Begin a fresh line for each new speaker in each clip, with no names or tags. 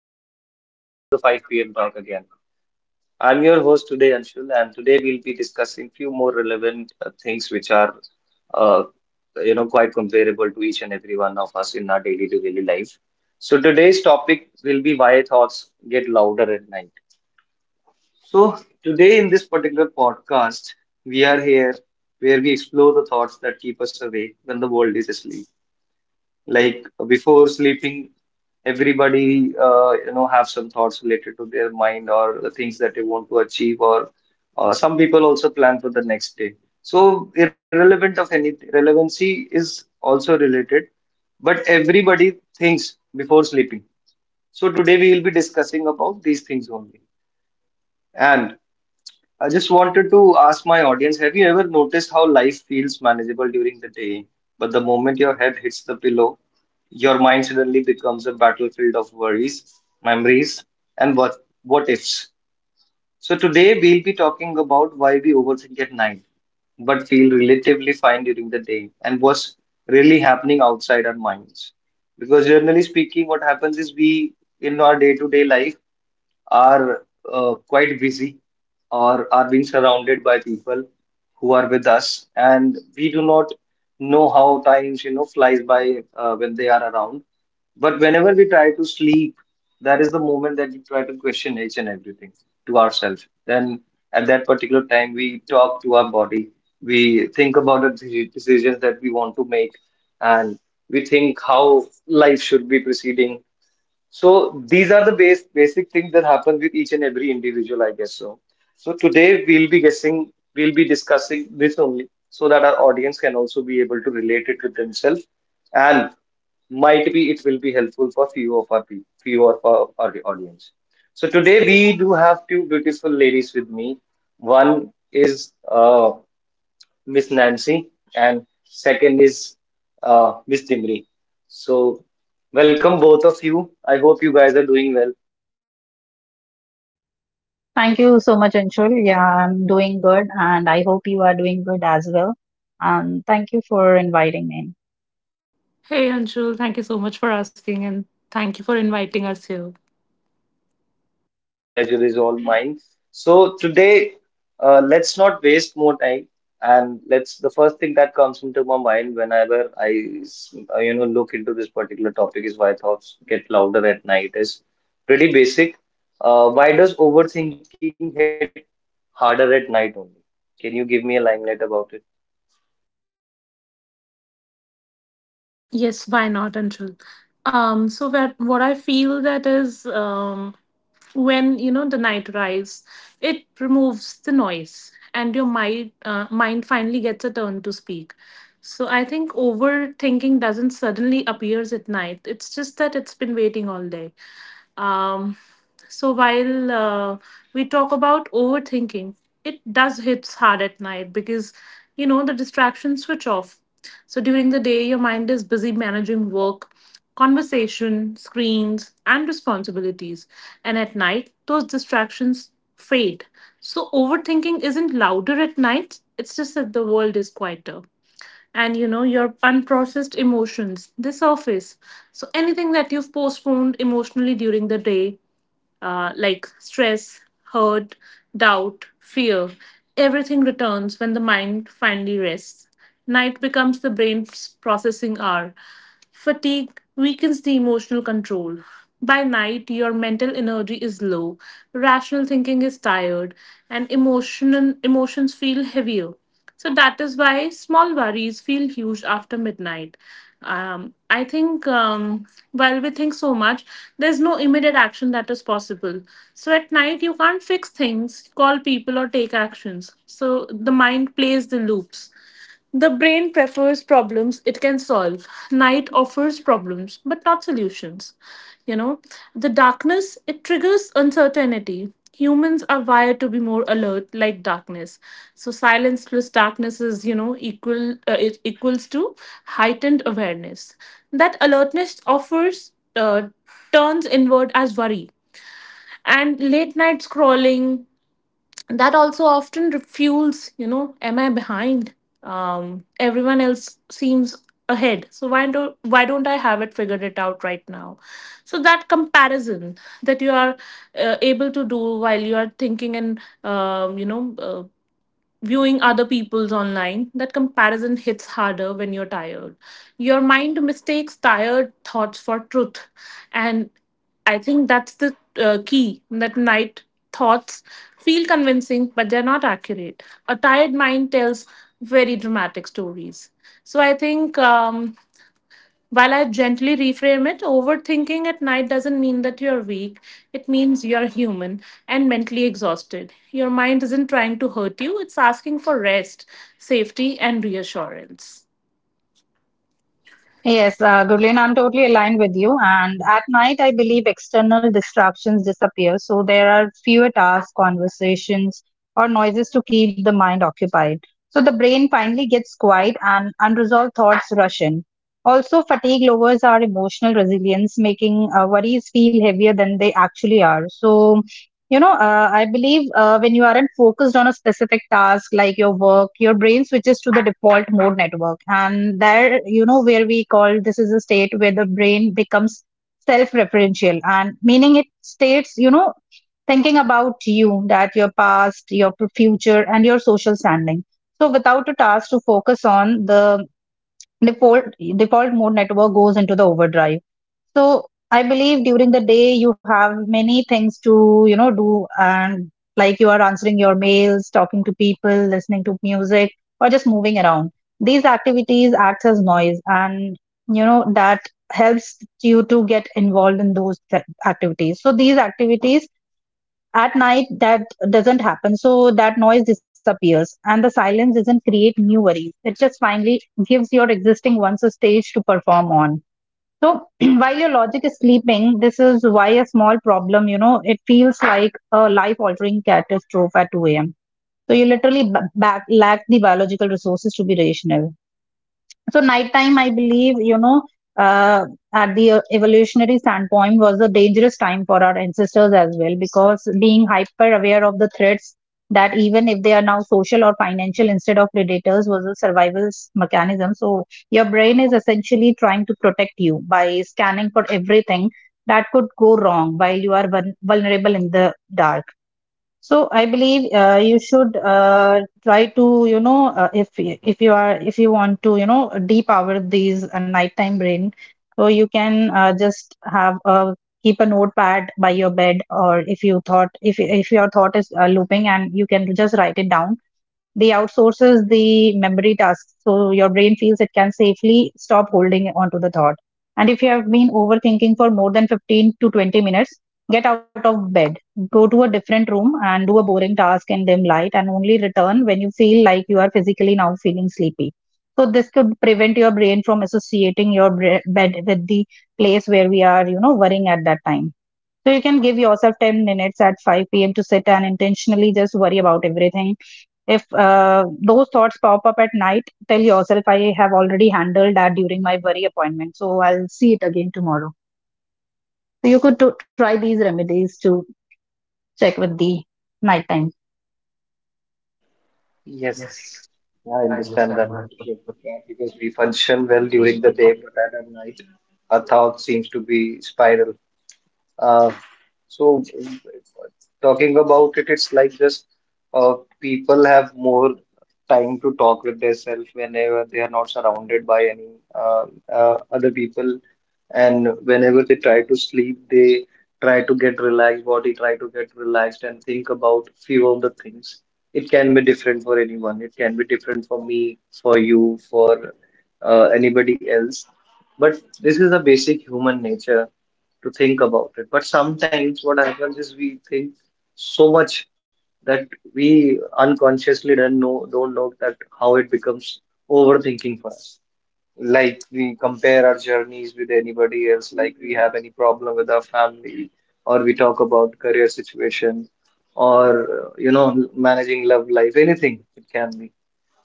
everyone. Welcome to the 5 p.m. talk again. I'm your host today, Anshul, and today we'll be discussing few more relevant things which are, uh, you know, quite comparable to each and every one of us in our daily to daily life. So today's topic will be why thoughts get louder at night. So today in this particular podcast, we are here where we explore the thoughts that keep us awake when the world is asleep. Like before sleeping, everybody you know have some thoughts related to their mind or the things that they want to achieve, or some people also plan for the next day. So irrelevant of any relevancy is also related, but everybody thinks before sleeping. So today we will be discussing about these things only. And. I just wanted to ask my audience, have you ever noticed how life feels manageable during the day, but the moment your head hits the pillow, your mind suddenly becomes a battlefield of worries, memories, and what ifs. So today we'll be talking about why we overthink at night, but feel relatively fine during the day, and what's really happening outside our minds. Because generally speaking, what happens is we in our day-to-day life are quite busy or are being surrounded by people who are with us and we do not know how times you know flies by when they are around, but whenever we try to sleep, that is the moment that we try to question each and everything to ourselves. Then at that particular time we talk to our body, we think about the decisions that we want to make, and we think how life should be proceeding. So these are the base basic things that happen with each and every individual, I guess so. So today we'll be discussing this only so that our audience can also be able to relate it with themselves, and might be it will be helpful for few of our few of our audience. So today we do have two beautiful ladies with me. One is Miss Nancy, and second is Miss Dimri. So, welcome both of you. I hope you guys are doing well.
Thank you so much, Anshul. Yeah, I'm doing good, and I hope you are doing good as well. And thank you for inviting me.
Hey Anshul, thank you so much for asking and thank you for inviting us here.
Pleasure is all mine. So today, let's not waste more time. And let's the first thing that comes into my mind whenever I, you know, look into this particular topic is why thoughts get louder at night is pretty basic. Why does overthinking hit harder at night only? Can you give me a limelight about it?
Yes, why not, Anshul? So that what I feel that is when you know the night arrives, it removes the noise and your mind finally gets a turn to speak. So I think overthinking doesn't suddenly appears at night. It's just that it's been waiting all day. Um, so while we talk about overthinking, it does hit hard at night because you know the distractions switch off. So during the day, your mind is busy managing work, conversation, screens, and responsibilities. And at night, those distractions fade. So overthinking isn't louder at night, it's just that the world is quieter, and you know your unprocessed emotions they surface. So anything that you've postponed emotionally during the day, like stress, hurt, doubt, fear, everything returns when the mind finally rests. Night becomes the brain's processing hour. Fatigue weakens the emotional control. By night your mental energy is low, rational thinking is tired, and emotional emotions feel heavier. So that is why small worries feel huge after midnight. I think, while we think so much, there's no immediate action that is possible. So at night, you can't fix things, call people, or take actions. So the mind plays the loops. The brain prefers problems it can solve. Night offers problems, but not solutions. You know, the darkness, it triggers uncertainty. Humans are wired to be more alert, like darkness. So silence plus darkness is, you know, equal. It equals to heightened awareness. That alertness offers turns inward as worry, and late night scrolling that also often fuels, you know, am I behind, everyone else seems ahead, so why don't I have it figured it out right now. So that comparison that you are able to do while you are thinking and, you know, viewing other people's online, that comparison hits harder when you're tired. Your mind mistakes tired thoughts for truth. And I think that's the key that night thoughts feel convincing, but they're not accurate. A tired mind tells very dramatic stories. So I think. While I gently reframe it, overthinking at night doesn't mean that you're weak. It means you're human and mentally exhausted. Your mind isn't trying to hurt you, it's asking for rest, safety, and reassurance.
Yes, Gurleen, I'm totally aligned with you. And at night, I believe external distractions disappear, so there are fewer tasks, conversations, or noises to keep the mind occupied. So the brain finally gets quiet, and unresolved thoughts rush in. Also, fatigue lowers our emotional resilience, making worries feel heavier than they actually are. So I believe when you aren't focused on a specific task like your work, your brain switches to the default mode network. And there, where we call this is a state where the brain becomes self referential and meaning it states, thinking about you, that your past, your future, and your social standing. So without a task to focus on, the default default mode network goes into the overdrive. So I believe during the day, you have many things to, do, and like you are answering your mails, talking to people, listening to music, or just moving around. These activities act as noise and, that helps you to get involved in those activities. So these activities at night, that doesn't happen. So that noise disappears and the silence doesn't create new worries. It just finally gives your existing ones a stage to perform on. So while your logic is sleeping, this is why a small problem, it feels like a life altering catastrophe at 2 a.m. So you literally lack the biological resources to be rational. So nighttime, I believe, uh, at the evolutionary standpoint, was a dangerous time for our ancestors as well, because being hyper aware of the threats, that even if they are now social or financial instead of predators, was a survival mechanism. So your brain is essentially trying to protect you by scanning for everything that could go wrong while you are vulnerable in the dark. So I believe you should try to, if y- if you are if you want to, depower these nighttime brain, so you can just have a keep a notepad by your bed, or if your thought is looping, and you can just write it down. The outsources the memory task, so your brain feels it can safely stop holding onto the thought. And if you have been overthinking for more than 15 to 20 minutes, get out of bed, go to a different room and do a boring task in dim light, and only return when you feel like you are physically now feeling sleepy. So this could prevent your brain from associating your bed with the place where we are, worrying at that time. So you can give yourself 10 minutes at 5 p.m. to sit and intentionally just worry about everything. If those thoughts pop up at night, tell yourself, I have already handled that during my worry appointment. So I'll see it again tomorrow. So you could to try these remedies to check with the nighttime.
Yes. Yeah, I understand that completely, yeah, because we function well during the day, but at night our thoughts seems to be spiral. Uh, so talking about it, it's like just uh, people have more time to talk with themselves whenever they are not surrounded by any other people, and whenever they try to sleep, they try to get relaxed, body try to get relaxed and think about few of the things. It can be different for anyone. It can be different for me, for you, for anybody else. But this is a basic human nature to think about it. But sometimes what happens is we think so much that we unconsciously don't know that how it becomes overthinking for us. Like we compare our journeys with anybody else, like we have any problem with our family, or we talk about career situation, or you know managing love life, anything it can be.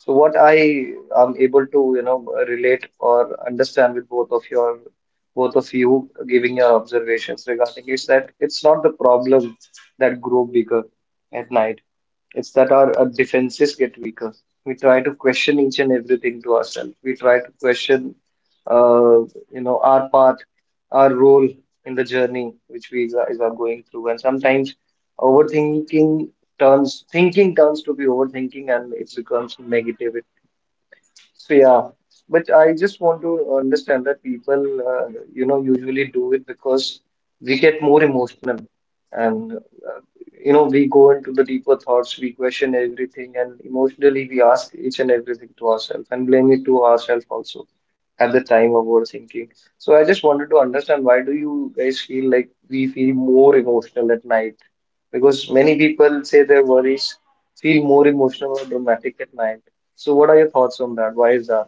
So what I am able to, you know, relate or understand with both of your, both of you giving your observations regarding is that it's not the problem that grow bigger at night. It's that our defenses get weaker. We try to question each and everything to ourselves. We try to question, uh, you know, our part, our role in the journey which we guys are going through. And sometimes overthinking thinking turns to be overthinking, and it becomes negative. So yeah, but I just want to understand that people, you know, usually do it because we get more emotional, and you know, we go into the deeper thoughts, we question everything, and emotionally we ask each and everything to ourselves and blame it to ourselves also at the time of overthinking. So I just wanted to understand why do you guys feel like we feel more emotional at night? Because many people say their worries feel more emotional or dramatic at night. So, what are your thoughts on that? Why is that?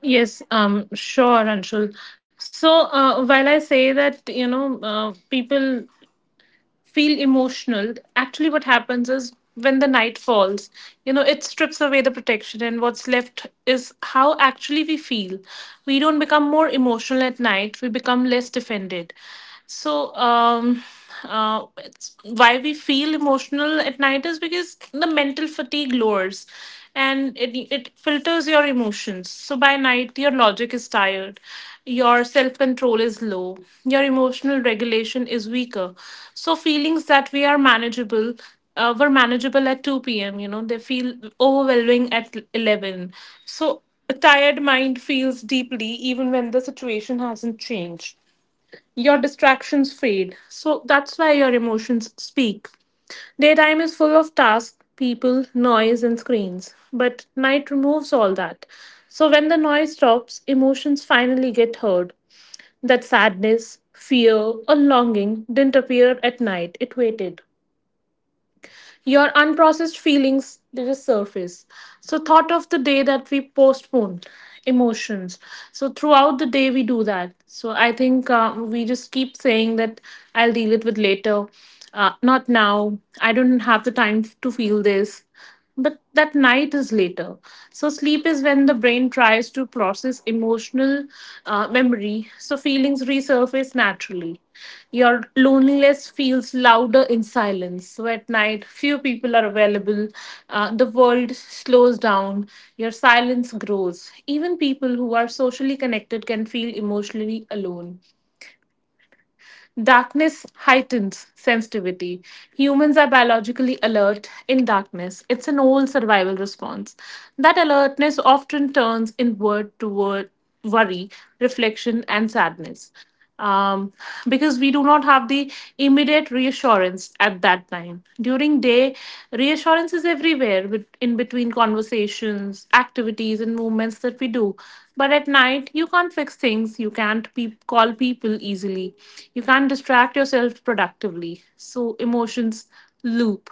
Yes, sure, Anshul. So while I say that, you know, people feel emotional, actually what happens is when the night falls, you know it strips away the protection and what's left is how actually we feel. We don't become more emotional at night, we become less defended. So it's why we feel emotional at night is because the mental fatigue lowers, and it filters your emotions. So by night your logic is tired, your self control is low. Your emotional regulation is weaker. So feelings that we are manageable, were manageable at 2 p.m. You know they feel overwhelming at 11. So a tired mind feels deeply even when the situation hasn't changed. Your distractions fade. So that's why your emotions speak. Daytime is full of tasks, people, noise, and screens, but night removes all that. So when the noise stops, emotions finally get heard. That sadness, fear, or longing didn't appear at night, it waited. Your unprocessed feelings did just surface. So, thought of the day that we postpone emotions. So, throughout the day, we do that. So, I think, we just keep saying that I'll deal it with later, not now. I don't have the time to feel this, but that night is later. So, sleep is when the brain tries to process emotional memory, so feelings resurface naturally. Your loneliness feels louder in silence. So, at night, few people are available, the world slows down, your silence grows. Even people who are socially connected can feel emotionally alone. Darkness heightens sensitivity. Humans are biologically alert in darkness. It's an old survival response. That alertness often turns inward toward worry, reflection, and sadness. Um, because we do not have the immediate reassurance at that time. During day, reassurance is everywhere with- in between conversations, activities, and movements that we do. But at night, you can't fix things. You can't pe- call people easily. You can't distract yourself productively. So emotions loop.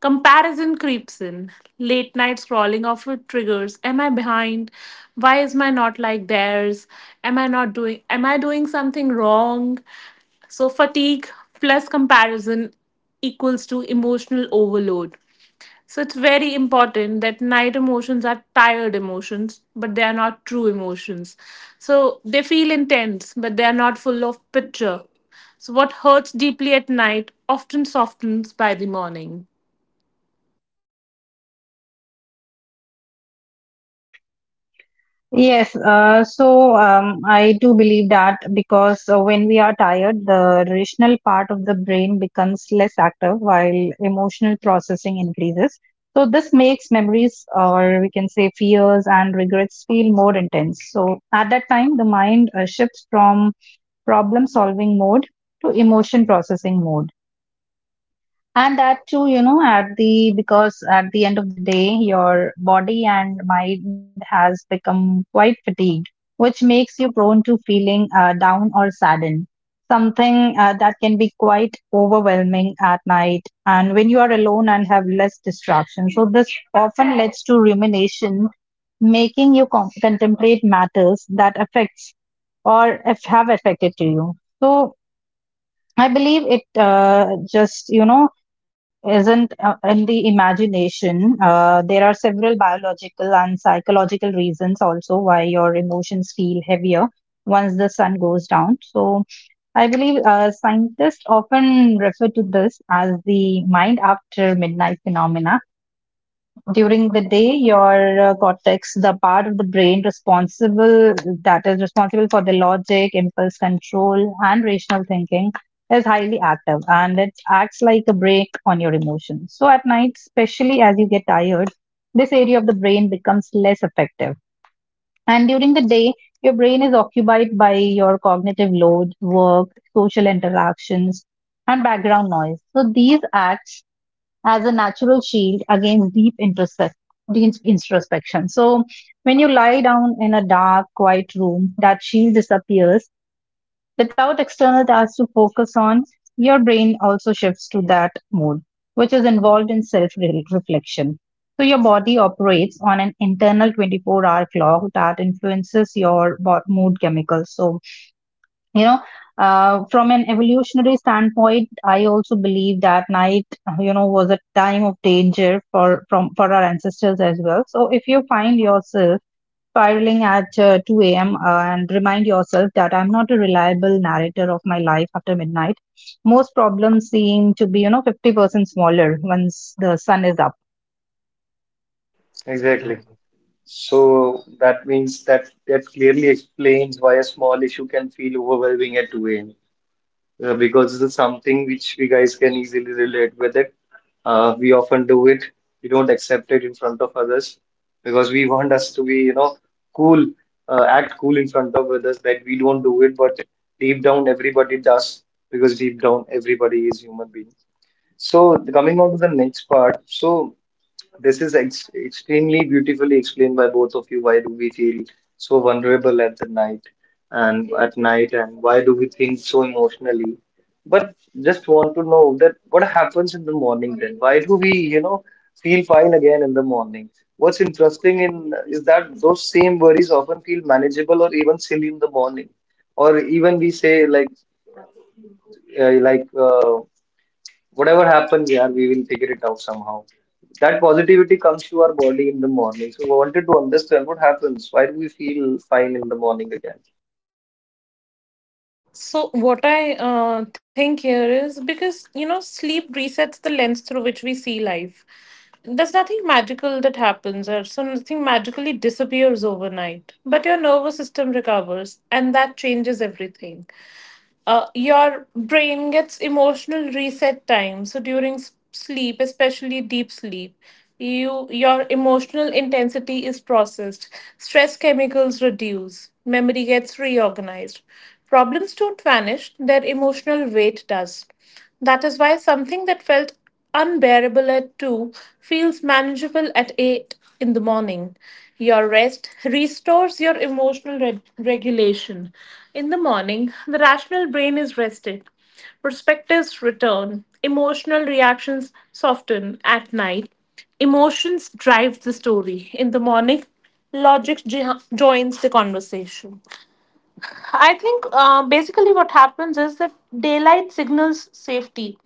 Comparison creeps in. Late night scrolling often triggers. Am I behind? Why is my not like theirs? Am I not doing am I doing something wrong? So fatigue plus comparison equals to emotional overload. So it's very important that night emotions are tired emotions, but they are not true emotions. So they feel intense, but they are not full of picture. So what hurts deeply at night often softens by the morning.
Yes, so I do believe that, because when we are tired, the rational part of the brain becomes less active while emotional processing increases. So this makes memories, or we can say fears and regrets, feel more intense. So at that time, the mind shifts from problem solving mode to emotion processing mode, and that too, at the because at the end of the day, your body and mind has become quite fatigued, which makes you prone to feeling down or saddened, something that can be quite overwhelming at night, and when you are alone and have less distraction, so this often leads to rumination, making you contemplate matters that affects, or if have affected to you. So I believe it just isn't in the imagination. There are several biological and psychological reasons also why your emotions feel heavier once the sun goes down. So I believe scientists often refer to this as the mind after midnight phenomena. During the day, your cortex, the part of the brain responsible, that is responsible for the logic, impulse control, and rational thinking, is highly active, and it acts like a brake on your emotions. So at night, especially as you get tired, this area of the brain becomes less effective. And during the day, your brain is occupied by your cognitive load, work, social interactions, and background noise, so these acts as a natural shield against deep deep introspection. So when you lie down in a dark, quiet room, that shield disappears without external tasks to focus on. Your brain also shifts to that mode, which is involved in self reflection. So your body operates on an internal 24-hour clock that influences your mood chemicals. So, you know from an evolutionary standpoint, I also believe that night, was a time of danger for from for our ancestors as well. So if you find yourself spiraling at 2 a.m. And remind yourself that I'm not a reliable narrator of my life after midnight, most problems seem to be, 50% smaller once the sun is up.
Exactly. So that means that clearly explains why a small issue can feel overwhelming at 2 a.m., because this is something which we guys can easily relate with it. We often do it. We don't accept it in front of others because we want us to be, you know, cool, act cool in front of others that we don't do it, but deep down everybody does, because deep down everybody is human being. So coming on to the next part, so this is ex extremely beautifully explained by both of you. Why do we feel so vulnerable at night, and why do we think so emotionally? But just want to know that what happens in the morning then? Why do we, you know, feel fine again in the morning? What's interesting in is that those same worries often feel manageable or even silly in the morning, or even we say like uh, like uh, whatever happens, yeah, we will figure it out somehow, that positivity comes to our body in the morning. So, we wanted to understand what happens. Why do we feel fine in the morning again?
So, what I think here is because, you know, sleep resets the lens through which we see life. There's nothing magical that happens, or so nothing magically disappears overnight. But your nervous system recovers, and that changes everything. Your brain gets emotional reset time. So during s- sleep, especially deep sleep, your emotional intensity is processed, stress chemicals reduce, memory gets reorganized. Problems don't vanish, their emotional weight does. That is why something that felt unbearable at 2 feels manageable at 8 in the morning. Your rest restores your emotional reg- regulation. In the morning, the rational brain is rested. Perspectives return. Emotional reactions soften at night. Emotions drive the story. In the morning, logic jo- joins the conversation. I think basically what happens is that daylight signals safety.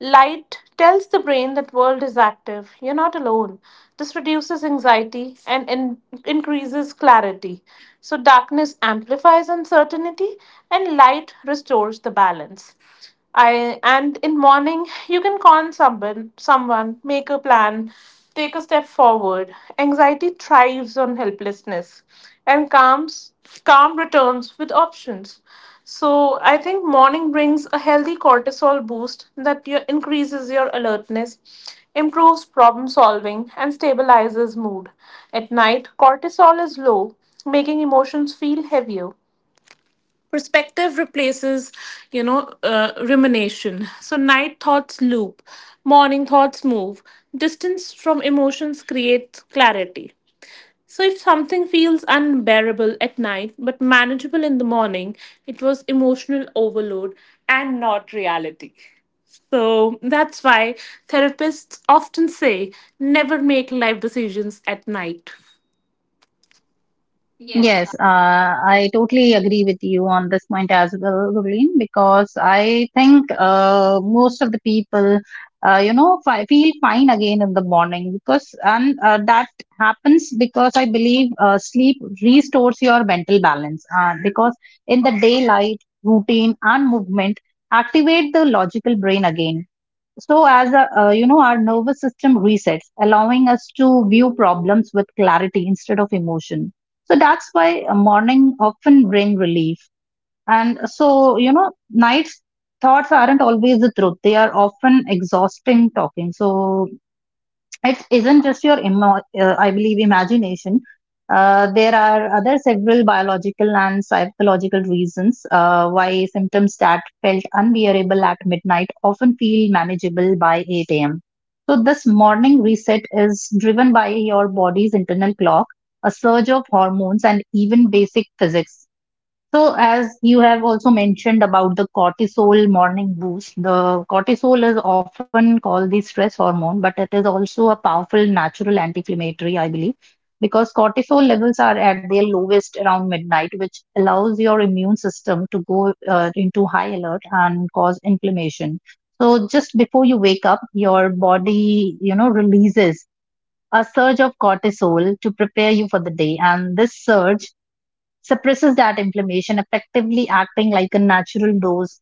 Light tells the brain that world is active. You're not alone. This reduces anxiety and in- increases clarity. So darkness amplifies uncertainty and light restores the balance. I and in morning you can call someone, make a plan, take a step forward. Anxiety thrives on helplessness, and calm returns with options. So I think morning brings a healthy cortisol boost that your, increases your alertness, improves problem solving and stabilizes mood. At night, cortisol is low, making emotions feel heavier. Perspective replaces, you know, rumination. So night thoughts loop, morning thoughts move. Distance from emotions creates clarity. So if something feels unbearable at night but manageable in the morning, it was emotional overload and not reality. So that's why therapists often say never make life decisions at night.
Yes, I totally agree with you on this point as well, Gurleen. Because I think, most of the people, feel fine again in the morning because, and that happens because I believe sleep restores your mental balance. Because in the daylight, routine and movement activate the logical brain again, so as a, you know our nervous system resets, allowing us to view problems with clarity instead of emotion. So that's why a morning often bring relief. And so, nights thoughts aren't always the truth, they are often exhausting talking. So it isn't just your I believe imagination. There are other several biological and psychological reasons why symptoms that felt unbearable at midnight often feel manageable by 8 a.m. So this morning reset is driven by your body's internal clock, a surge of hormones, and even basic physics. So, as you have also mentioned about the cortisol morning boost, the cortisol is often called the stress hormone, but it is also a powerful natural anti-inflammatory, I believe, because cortisol levels are at their lowest around midnight, which allows your immune system to go into high alert and cause inflammation. So, just before you wake up, your body, releases a surge of cortisol to prepare you for the day, and this surge suppresses that inflammation, effectively acting like a natural dose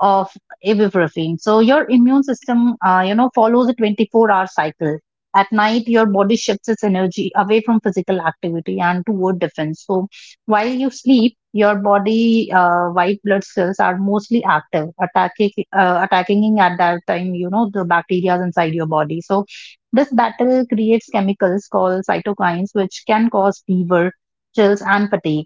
of ibuprofen. So your immune system, follows a 24-hour cycle. At night, your body shifts its energy away from physical activity and toward defense. So while you sleep, your body, white blood cells are mostly active, attacking at that time. You know, the bacteria inside your body. So this battle creates chemicals called cytokines, which can cause fever, chills, and fatigue.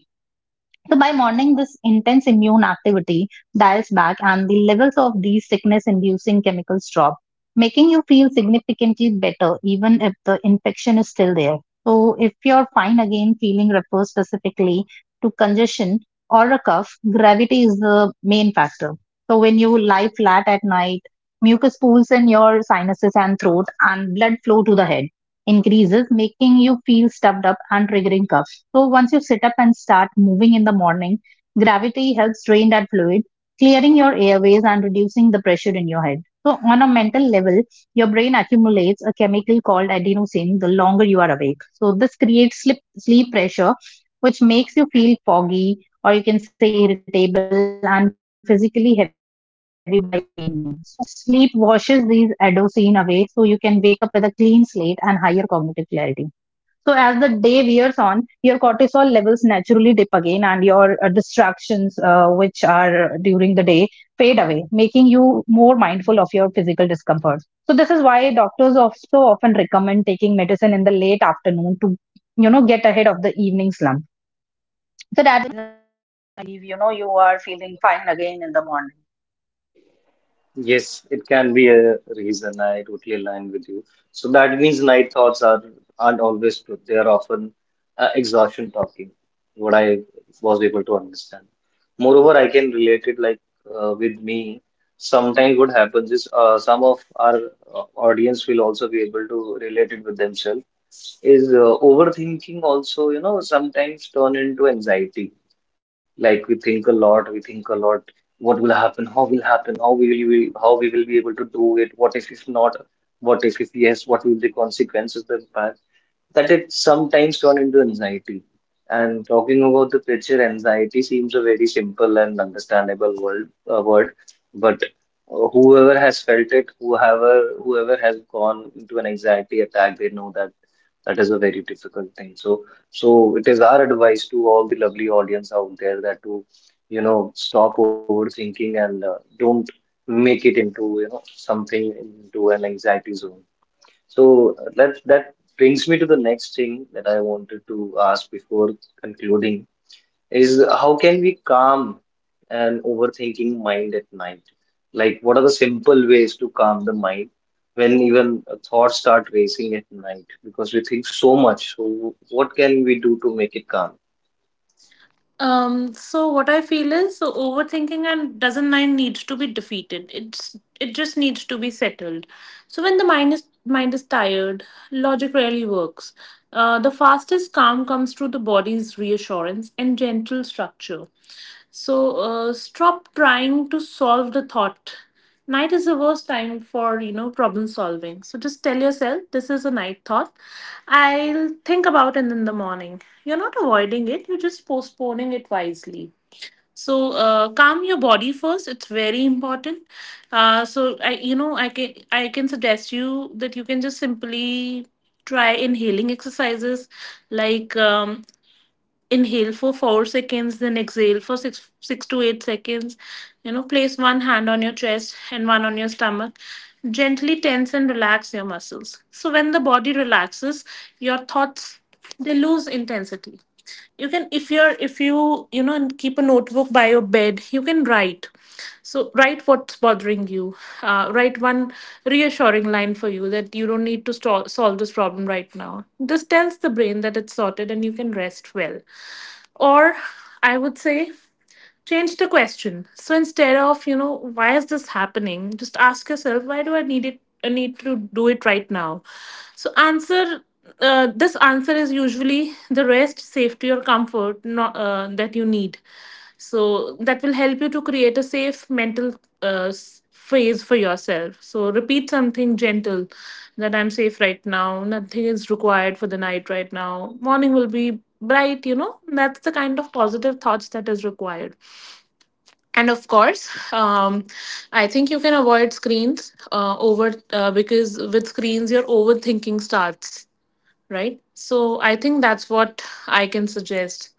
So by morning, this intense immune activity dials back, and the levels of these sickness inducing chemicals drop, making you feel significantly better even if the infection is still there. So if you're fine again feeling refers specifically to congestion or a cough, gravity is the main factor. So when you lie flat at night, mucus pools in your sinuses and throat, and blood flow to the head increases, making you feel stuffed up and triggering cough. So once you sit up and start moving in the morning, gravity helps drain that fluid, clearing your airways and reducing the pressure in your head. So on a mental level, your brain accumulates a chemical called adenosine the longer you are awake. So this creates sleep pressure, which makes you feel foggy, or you can say irritable and physically heavy by evening. So sleep washes these adenosine away, so you can wake up with a clean slate and higher cognitive clarity. So as the day wears on, your cortisol levels naturally dip again, and your distractions, which are during the day, fade away, making you more mindful of your physical discomfort. So this is why doctors also often recommend taking medicine in the late afternoon to, get ahead of the evening slump. So that you know you are feeling fine again in the morning.
Yes, it can be a reason. I totally align with you. So that means night thoughts are aren't always good. They are often exhaustion talking. What I was able to understand. Moreover, I can relate it like with me. Sometimes what happens is some of our audience will also be able to relate it with themselves is overthinking also, you know, sometimes turn into anxiety. Like we think a lot, what will happen, how will happen, how we will be able to do it, what if not, what if yes, what will the consequences, the impact? That it sometimes turn into anxiety. And talking about the picture, anxiety seems a very simple and understandable word, but whoever has felt it, whoever has gone into an anxiety attack, they know that that is a very difficult thing. So it is our advice to all the lovely audience out there that to, you know, stop overthinking and don't make it into, you know, something into an anxiety zone. So that brings me to the next thing that I wanted to ask before concluding is how can we calm an overthinking mind at night? Like, what are the simple ways to calm the mind when even thoughts start racing at night? Because we think so much. So, what can we do to make it calm?
So what I feel is so overthinking and doesn't mind needs to be defeated. It's it just needs to be settled. So when the mind is tired, logic rarely works. The fastest calm comes through the body's reassurance and gentle structure. So stop trying to solve the thought. Night is the worst time for, you know, problem solving. So just tell yourself this is a night thought. I'll think about it in the morning. You're not avoiding it. You're just postponing it wisely. So calm your body first. It's very important. So I, you know, I can suggest you that you can just simply try inhaling exercises like, inhale for 4 seconds then exhale for 6 to 8 seconds. You know, place one hand on your chest and one on your stomach, gently tense and relax your muscles. So when the body relaxes, your thoughts, they lose intensity. You can, if you're if you, you know, keep a notebook by your bed, you can write. So write what's bothering you. Write one reassuring line for you that you don't need to sto- solve this problem right now. This tells the brain that it's sorted and you can rest well. Or I would say change the question. So instead of, you know, why is this happening, just ask yourself why do I need it, I need to do it right now. So answer, this answer is usually the rest, safety or comfort, not, that you need. So that will help you to create a safe mental s- phase for yourself. So repeat something gentle, that I'm safe right now, nothing is required for the night right now, morning will be bright. You know, that's the kind of positive thoughts that is required. And of course, um, I think you can avoid screens over because with screens your overthinking starts, right? So I think that's what I can suggest.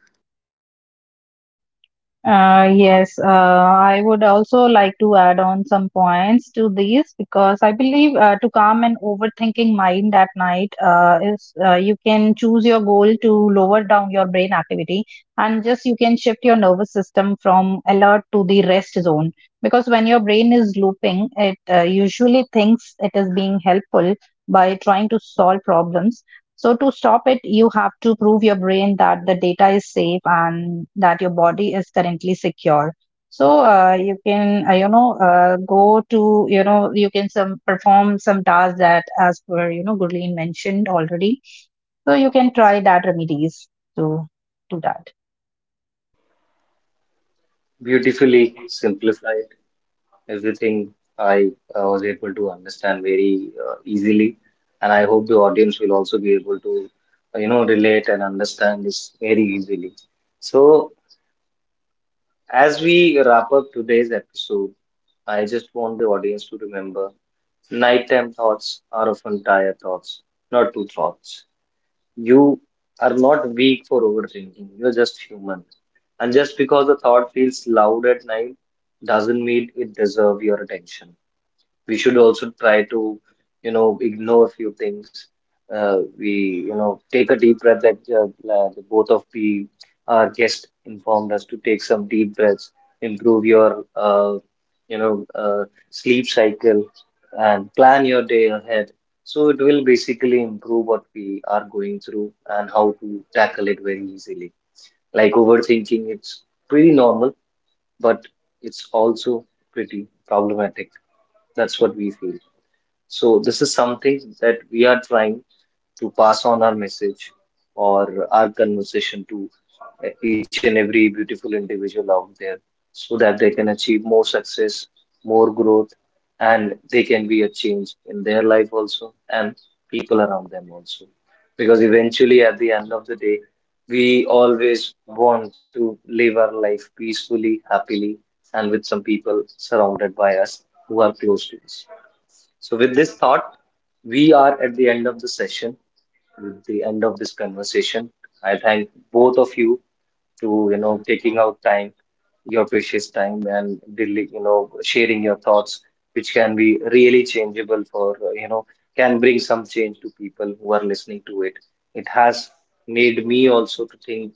Yes, I would also like to add on some points to these, because I believe to calm an overthinking mind at night is, you can choose your goal to lower down your brain activity, and just you can shift your nervous system from alert to the rest zone. Because when your brain is looping, it usually thinks it is being helpful by trying to solve problems. So to stop it, you have to prove your brain that the data is safe and that your body is currently secure. So you can go to, you can some perform some tasks that as per, Gurleen mentioned already. So you can try that remedies to do that.
Beautifully simplified. Everything I was able to understand very easily, and I hope the audience will also be able to, you know, relate and understand this very easily. So, as we wrap up today's episode, I just want the audience to remember nighttime thoughts are often tired thoughts, not two thoughts. You are not weak for overthinking, you're just human. And just because a thought feels loud at night doesn't mean it deserves your attention. We should also try to, you know, ignore a few things. We, you know, take a deep breath that the both of the our guest informed us to take some deep breaths, improve your, you know, uh, sleep cycle, and plan your day ahead. So it will basically improve what we are going through and how to tackle it very easily. Like overthinking, it's pretty normal, but it's also pretty problematic. That's what we feel. So this is something that we are trying to pass on our message or our conversation to each and every beautiful individual out there so that they can achieve more success, more growth, and they can be a change in their life also and people around them also. Because eventually, at the end of the day, we always want to live our life peacefully, happily, and with some people surrounded by us who are close to us. So, with this thought, we are at the end of the session, with the end of this conversation. I thank both of you to you know taking out time your precious time and really you know sharing your thoughts which can be really changeable for, you know, can bring some change to people who are listening to it. It has made me also to think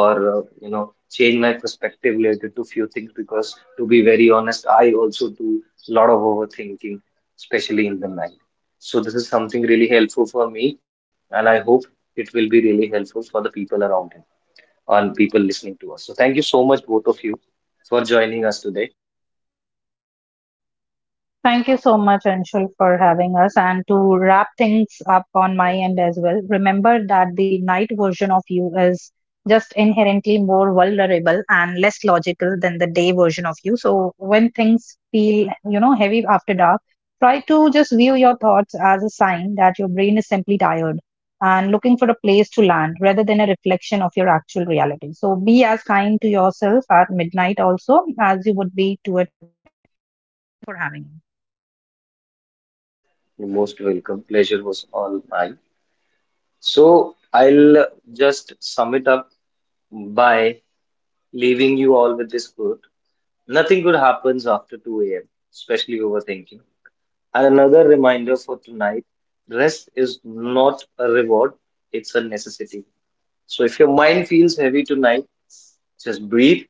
or, you know, change my perspective related to few things because to be very honest I also do a lot of overthinking especially in the night. So this is something really helpful for me and I hope it will be really helpful for the people around me on people listening to us. So thank you so much, both of you, for joining us today.
Thank you so much, Anshul, for having us. And to wrap things up on my end as well, remember that the night version of you is just inherently more vulnerable and less logical than the day version of you. So when things feel, heavy after dark, try to just view your thoughts as a sign that your brain is simply tired and looking for a place to land rather than a reflection of your actual reality. So be as kind to yourself at midnight also as you would be to it for having.
You're most welcome. Pleasure was all mine. So I'll just sum it up by leaving you all with this quote. Nothing good happens after 2 a.m., especially overthinking. And another reminder for tonight, rest is not a reward, it's a necessity. So if your mind feels heavy tonight, just breathe,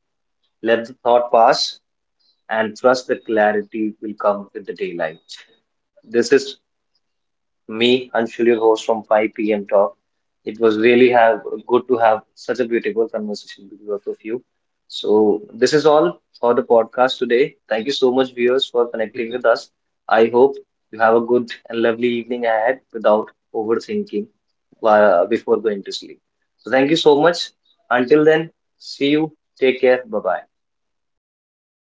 let the thought pass, and trust the clarity will come with the daylight. This is me, Anshul, your host from 5 p.m. Talk. It was really have good to have such a beautiful conversation with both of you. So this is all for the podcast today. Thank you so much, viewers, for connecting with us. I hope you have a good and lovely evening ahead without overthinking before going to sleep. So thank you so much. Until then, see you. Take care. Bye bye.
Thank you,